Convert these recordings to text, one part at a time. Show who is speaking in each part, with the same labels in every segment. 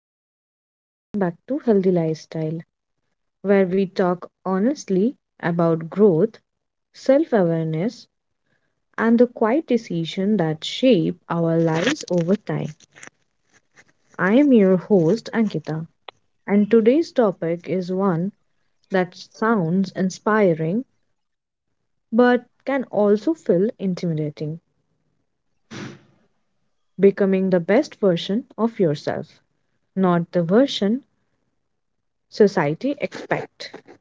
Speaker 1: Hello, everyone, and welcome back to Healthy Lifestyle, where we talk honestly about growth, self awareness, and the quiet decisions that shape our lives over time. I am your host, Ankita, and today's topic is one that sounds inspiring but can also feel intimidating becoming the best version of yourself, not the version society expect,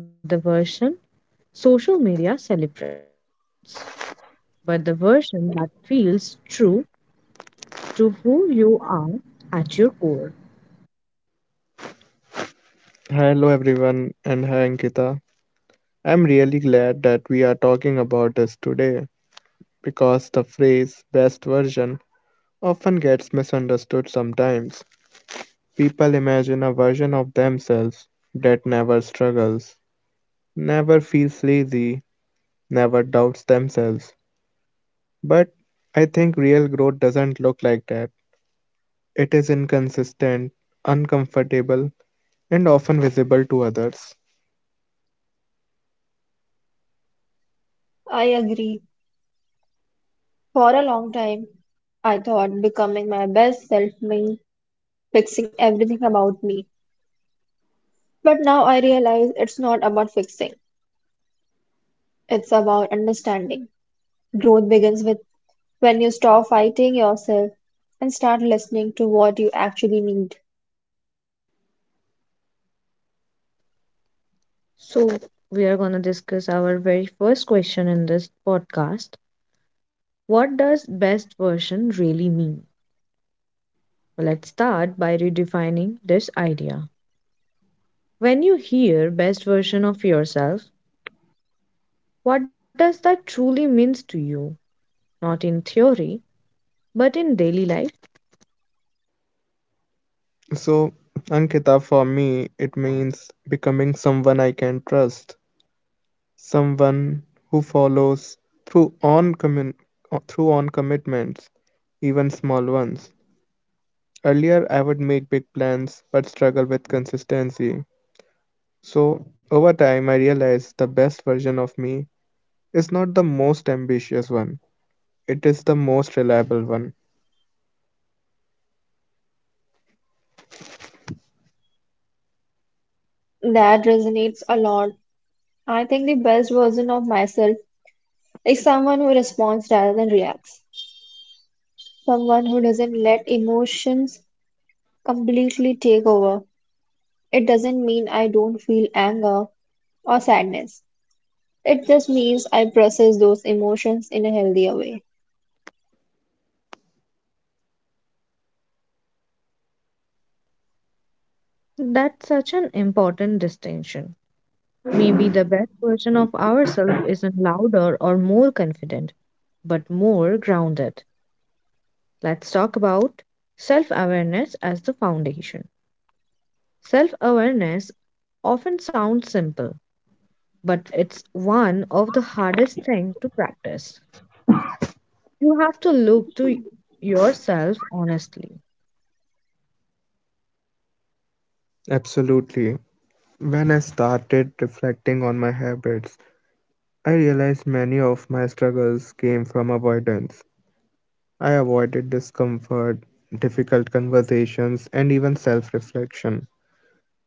Speaker 1: not the version social media celebrates, but the version that feels true to who you are at your core.
Speaker 2: Hello everyone and hi Ankita. I'm really glad that we are talking about this today because the phrase best version often gets misunderstood sometimes. People imagine a version of themselves that never struggles, never feels lazy, never doubts themselves. But I think real growth doesn't look like that. It is inconsistent, uncomfortable, and often visible to others.
Speaker 3: I agree. For a long time, I thought becoming my best self meant fixing everything about me. But now I realize it's not about fixing, it's about understanding. Growth begins with when you stop fighting yourself and start listening to what you actually need.
Speaker 1: So, we are going to discuss our very first question in this podcast. What does best version really mean? Well, let's start by redefining this idea. When you hear best version of yourself, what does that truly means to you? Not in theory, but in daily life.
Speaker 2: So, Ankita, for me, it means becoming someone I can trust, someone who follows through on commun- through on commitments, even small ones. Earlier, I would make big plans but struggle with consistency. So, over time, I realized the best version of me is not the most ambitious one, it is the most reliable one.
Speaker 3: That resonates a lot. I think the best version of myself is someone who responds rather than reacts, someone who doesn't let emotions completely take over. It doesn't mean I don't feel anger or sadness. It just means I process those emotions in a healthier way.
Speaker 1: That's such an important distinction. Maybe the best version of ourselves isn't louder or more confident, but more grounded. Let's talk about self awareness as the foundation. Self awareness often sounds simple, but it's one of the hardest things to practice. You have to look to yourself honestly.
Speaker 2: Absolutely. When I started reflecting on my habits, I realized many of my struggles came from avoidance. I avoided discomfort, difficult conversations, and even self reflection.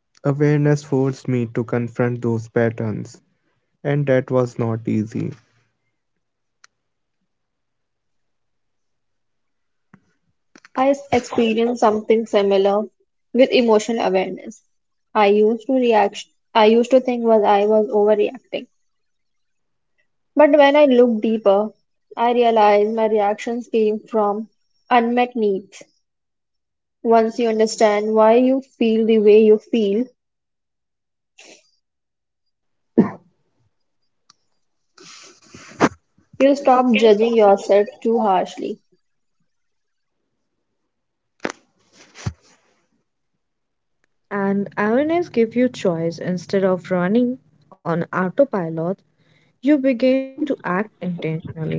Speaker 2: Awareness forced me to confront those patterns, and that was not easy.
Speaker 3: I experience something similar with emotional awareness. I used to react I used to think was I was overreacting. But when I look deeper, I realize my reactions came from unmet needs. Once you understand why you feel the way you feel, you stop judging yourself too harshly.
Speaker 1: And awareness gives you choice instead of running on autopilot, you begin to act intentionally.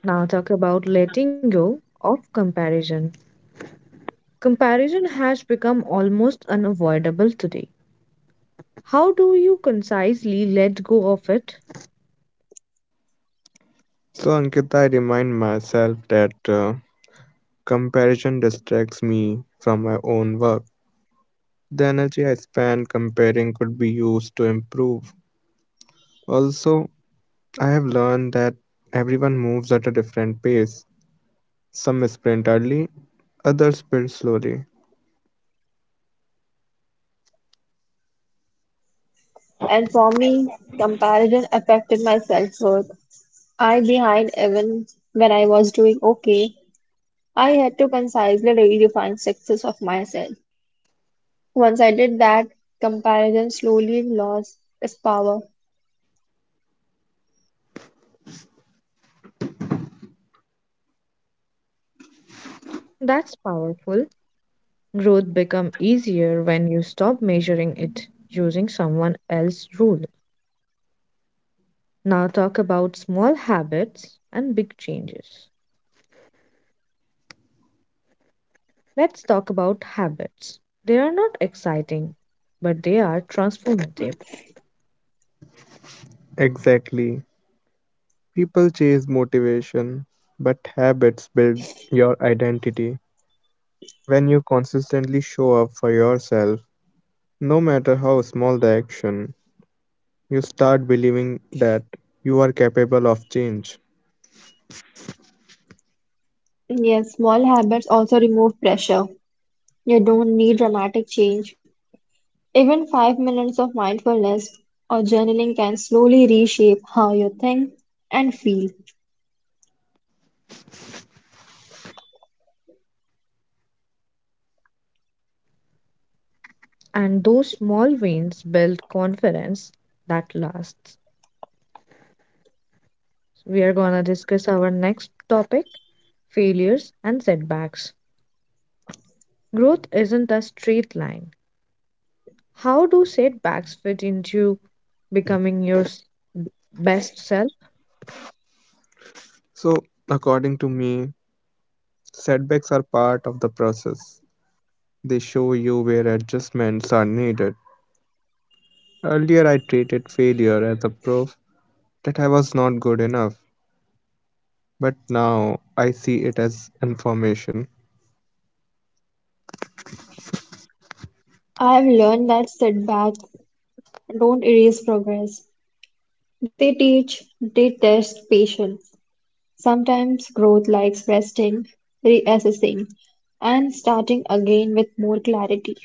Speaker 1: Now talk about letting go of comparison. Comparison has become almost unavoidable today. How do you concisely let go of it?
Speaker 2: So, Ankita, I remind myself that comparison distracts me from my own work. The energy I spend comparing could be used to improve. Also, I have learned that everyone moves at a different pace. Some sprint early, others build slowly.
Speaker 3: And for me, comparison affected my self-worth. I behind even when I was doing okay. I had to concisely redefine success of myself. Once I did that, comparison slowly lost its power.
Speaker 1: That's powerful. Growth become easier when you stop measuring it using someone else's rule. Now talk about small habits and big changes. Let's talk about habits. They are not exciting, but they are transformative.
Speaker 2: Exactly. People chase motivation, but habits build your identity. When you consistently show up for yourself, no matter how small the action, you start believing that you are capable of change.
Speaker 3: Yes, small habits also remove pressure. You don't need dramatic change. Even 5 minutes of mindfulness or journaling can slowly reshape how you think and feel.
Speaker 1: And those small wins build confidence that lasts. We are going to discuss our next topic failures and setbacks. Growth isn't a straight line. How do setbacks fit into becoming best self?
Speaker 2: So, according to me, setbacks are part of the process. They show you where adjustments are needed. Earlier, I treated failure as a proof that I was not good enough, but now I see it as information.
Speaker 3: I've learned that setbacks don't erase progress. They teach, they test patience. Sometimes growth likes resting, reassessing, and starting again with more clarity.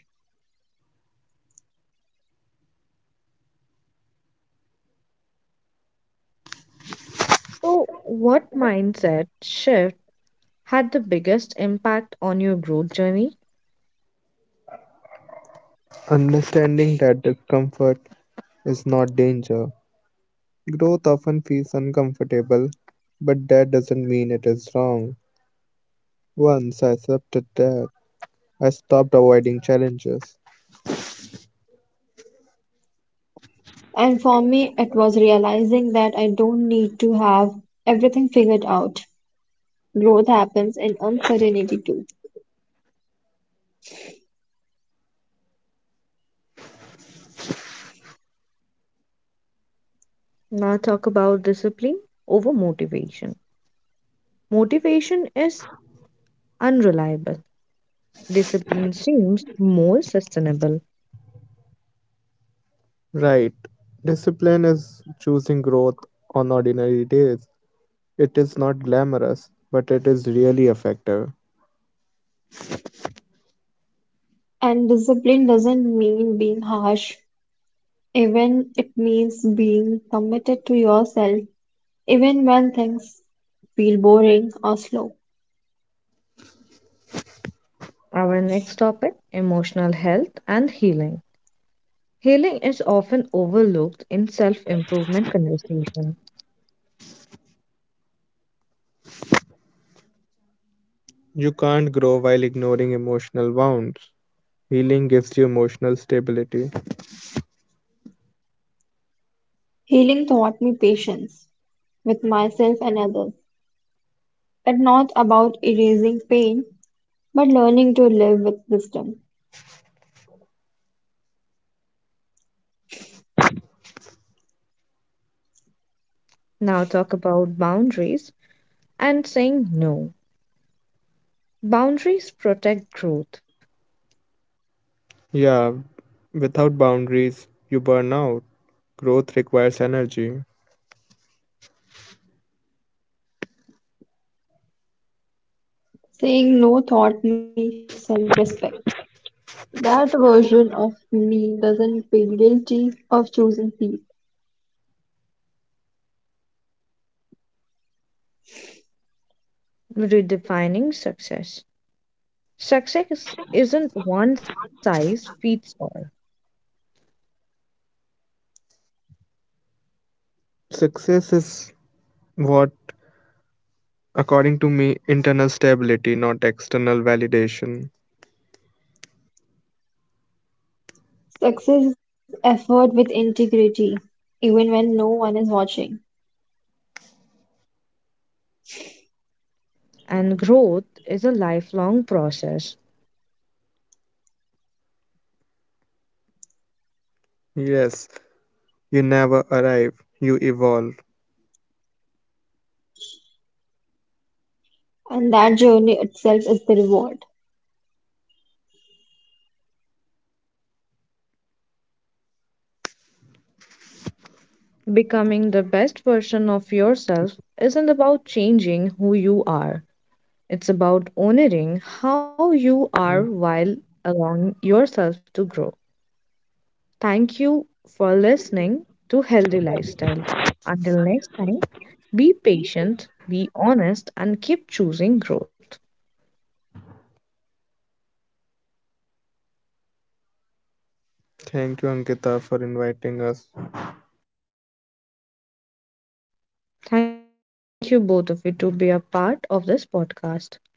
Speaker 1: So, what mindset shift had the biggest impact on your growth journey?
Speaker 2: Understanding that discomfort is not danger. Growth often feels uncomfortable, but that doesn't mean it is wrong. Once I accepted that, I stopped avoiding challenges.
Speaker 3: And for me, it was realizing that I don't need to have everything figured out. Growth happens in uncertainty too.
Speaker 1: Now, talk about discipline over motivation. Motivation is unreliable, discipline seems more sustainable.
Speaker 2: Right. Discipline is choosing growth on ordinary days. It is not glamorous, but it is really effective.
Speaker 3: And discipline doesn't mean being harsh, even it means being committed to yourself, even when things feel boring or slow.
Speaker 1: Our next topic emotional health and healing. Healing is often overlooked in self improvement conversation.
Speaker 2: You can't grow while ignoring emotional wounds. Healing gives you emotional stability.
Speaker 3: Healing taught me patience with myself and others, but not about erasing pain, but learning to live with wisdom.
Speaker 1: Now, talk about boundaries and saying no. Boundaries protect growth,
Speaker 2: Yeah, without boundaries, you burn out. Growth requires energy.
Speaker 3: Saying no taught me self respect. That version of me doesn't feel guilty of choosing peace.
Speaker 1: redefining success. Success isn't one size fits all,
Speaker 2: Success is, what, according to me, internal stability, not external validation.
Speaker 3: Success is effort with integrity, even when no one is watching.
Speaker 1: and growth is a lifelong process.
Speaker 2: Yes, you never arrive, you evolve.
Speaker 3: And that journey itself is the reward.
Speaker 1: Becoming the best version of yourself isn't about changing who you are, it's about honoring how you are while allowing yourself to grow. Thank you for listening to Healthy Lifestyle. Until next time, be patient, be honest, and keep choosing growth.
Speaker 2: Thank you, Ankita, for inviting us.
Speaker 1: Thank you, both of you, to be a part of this podcast.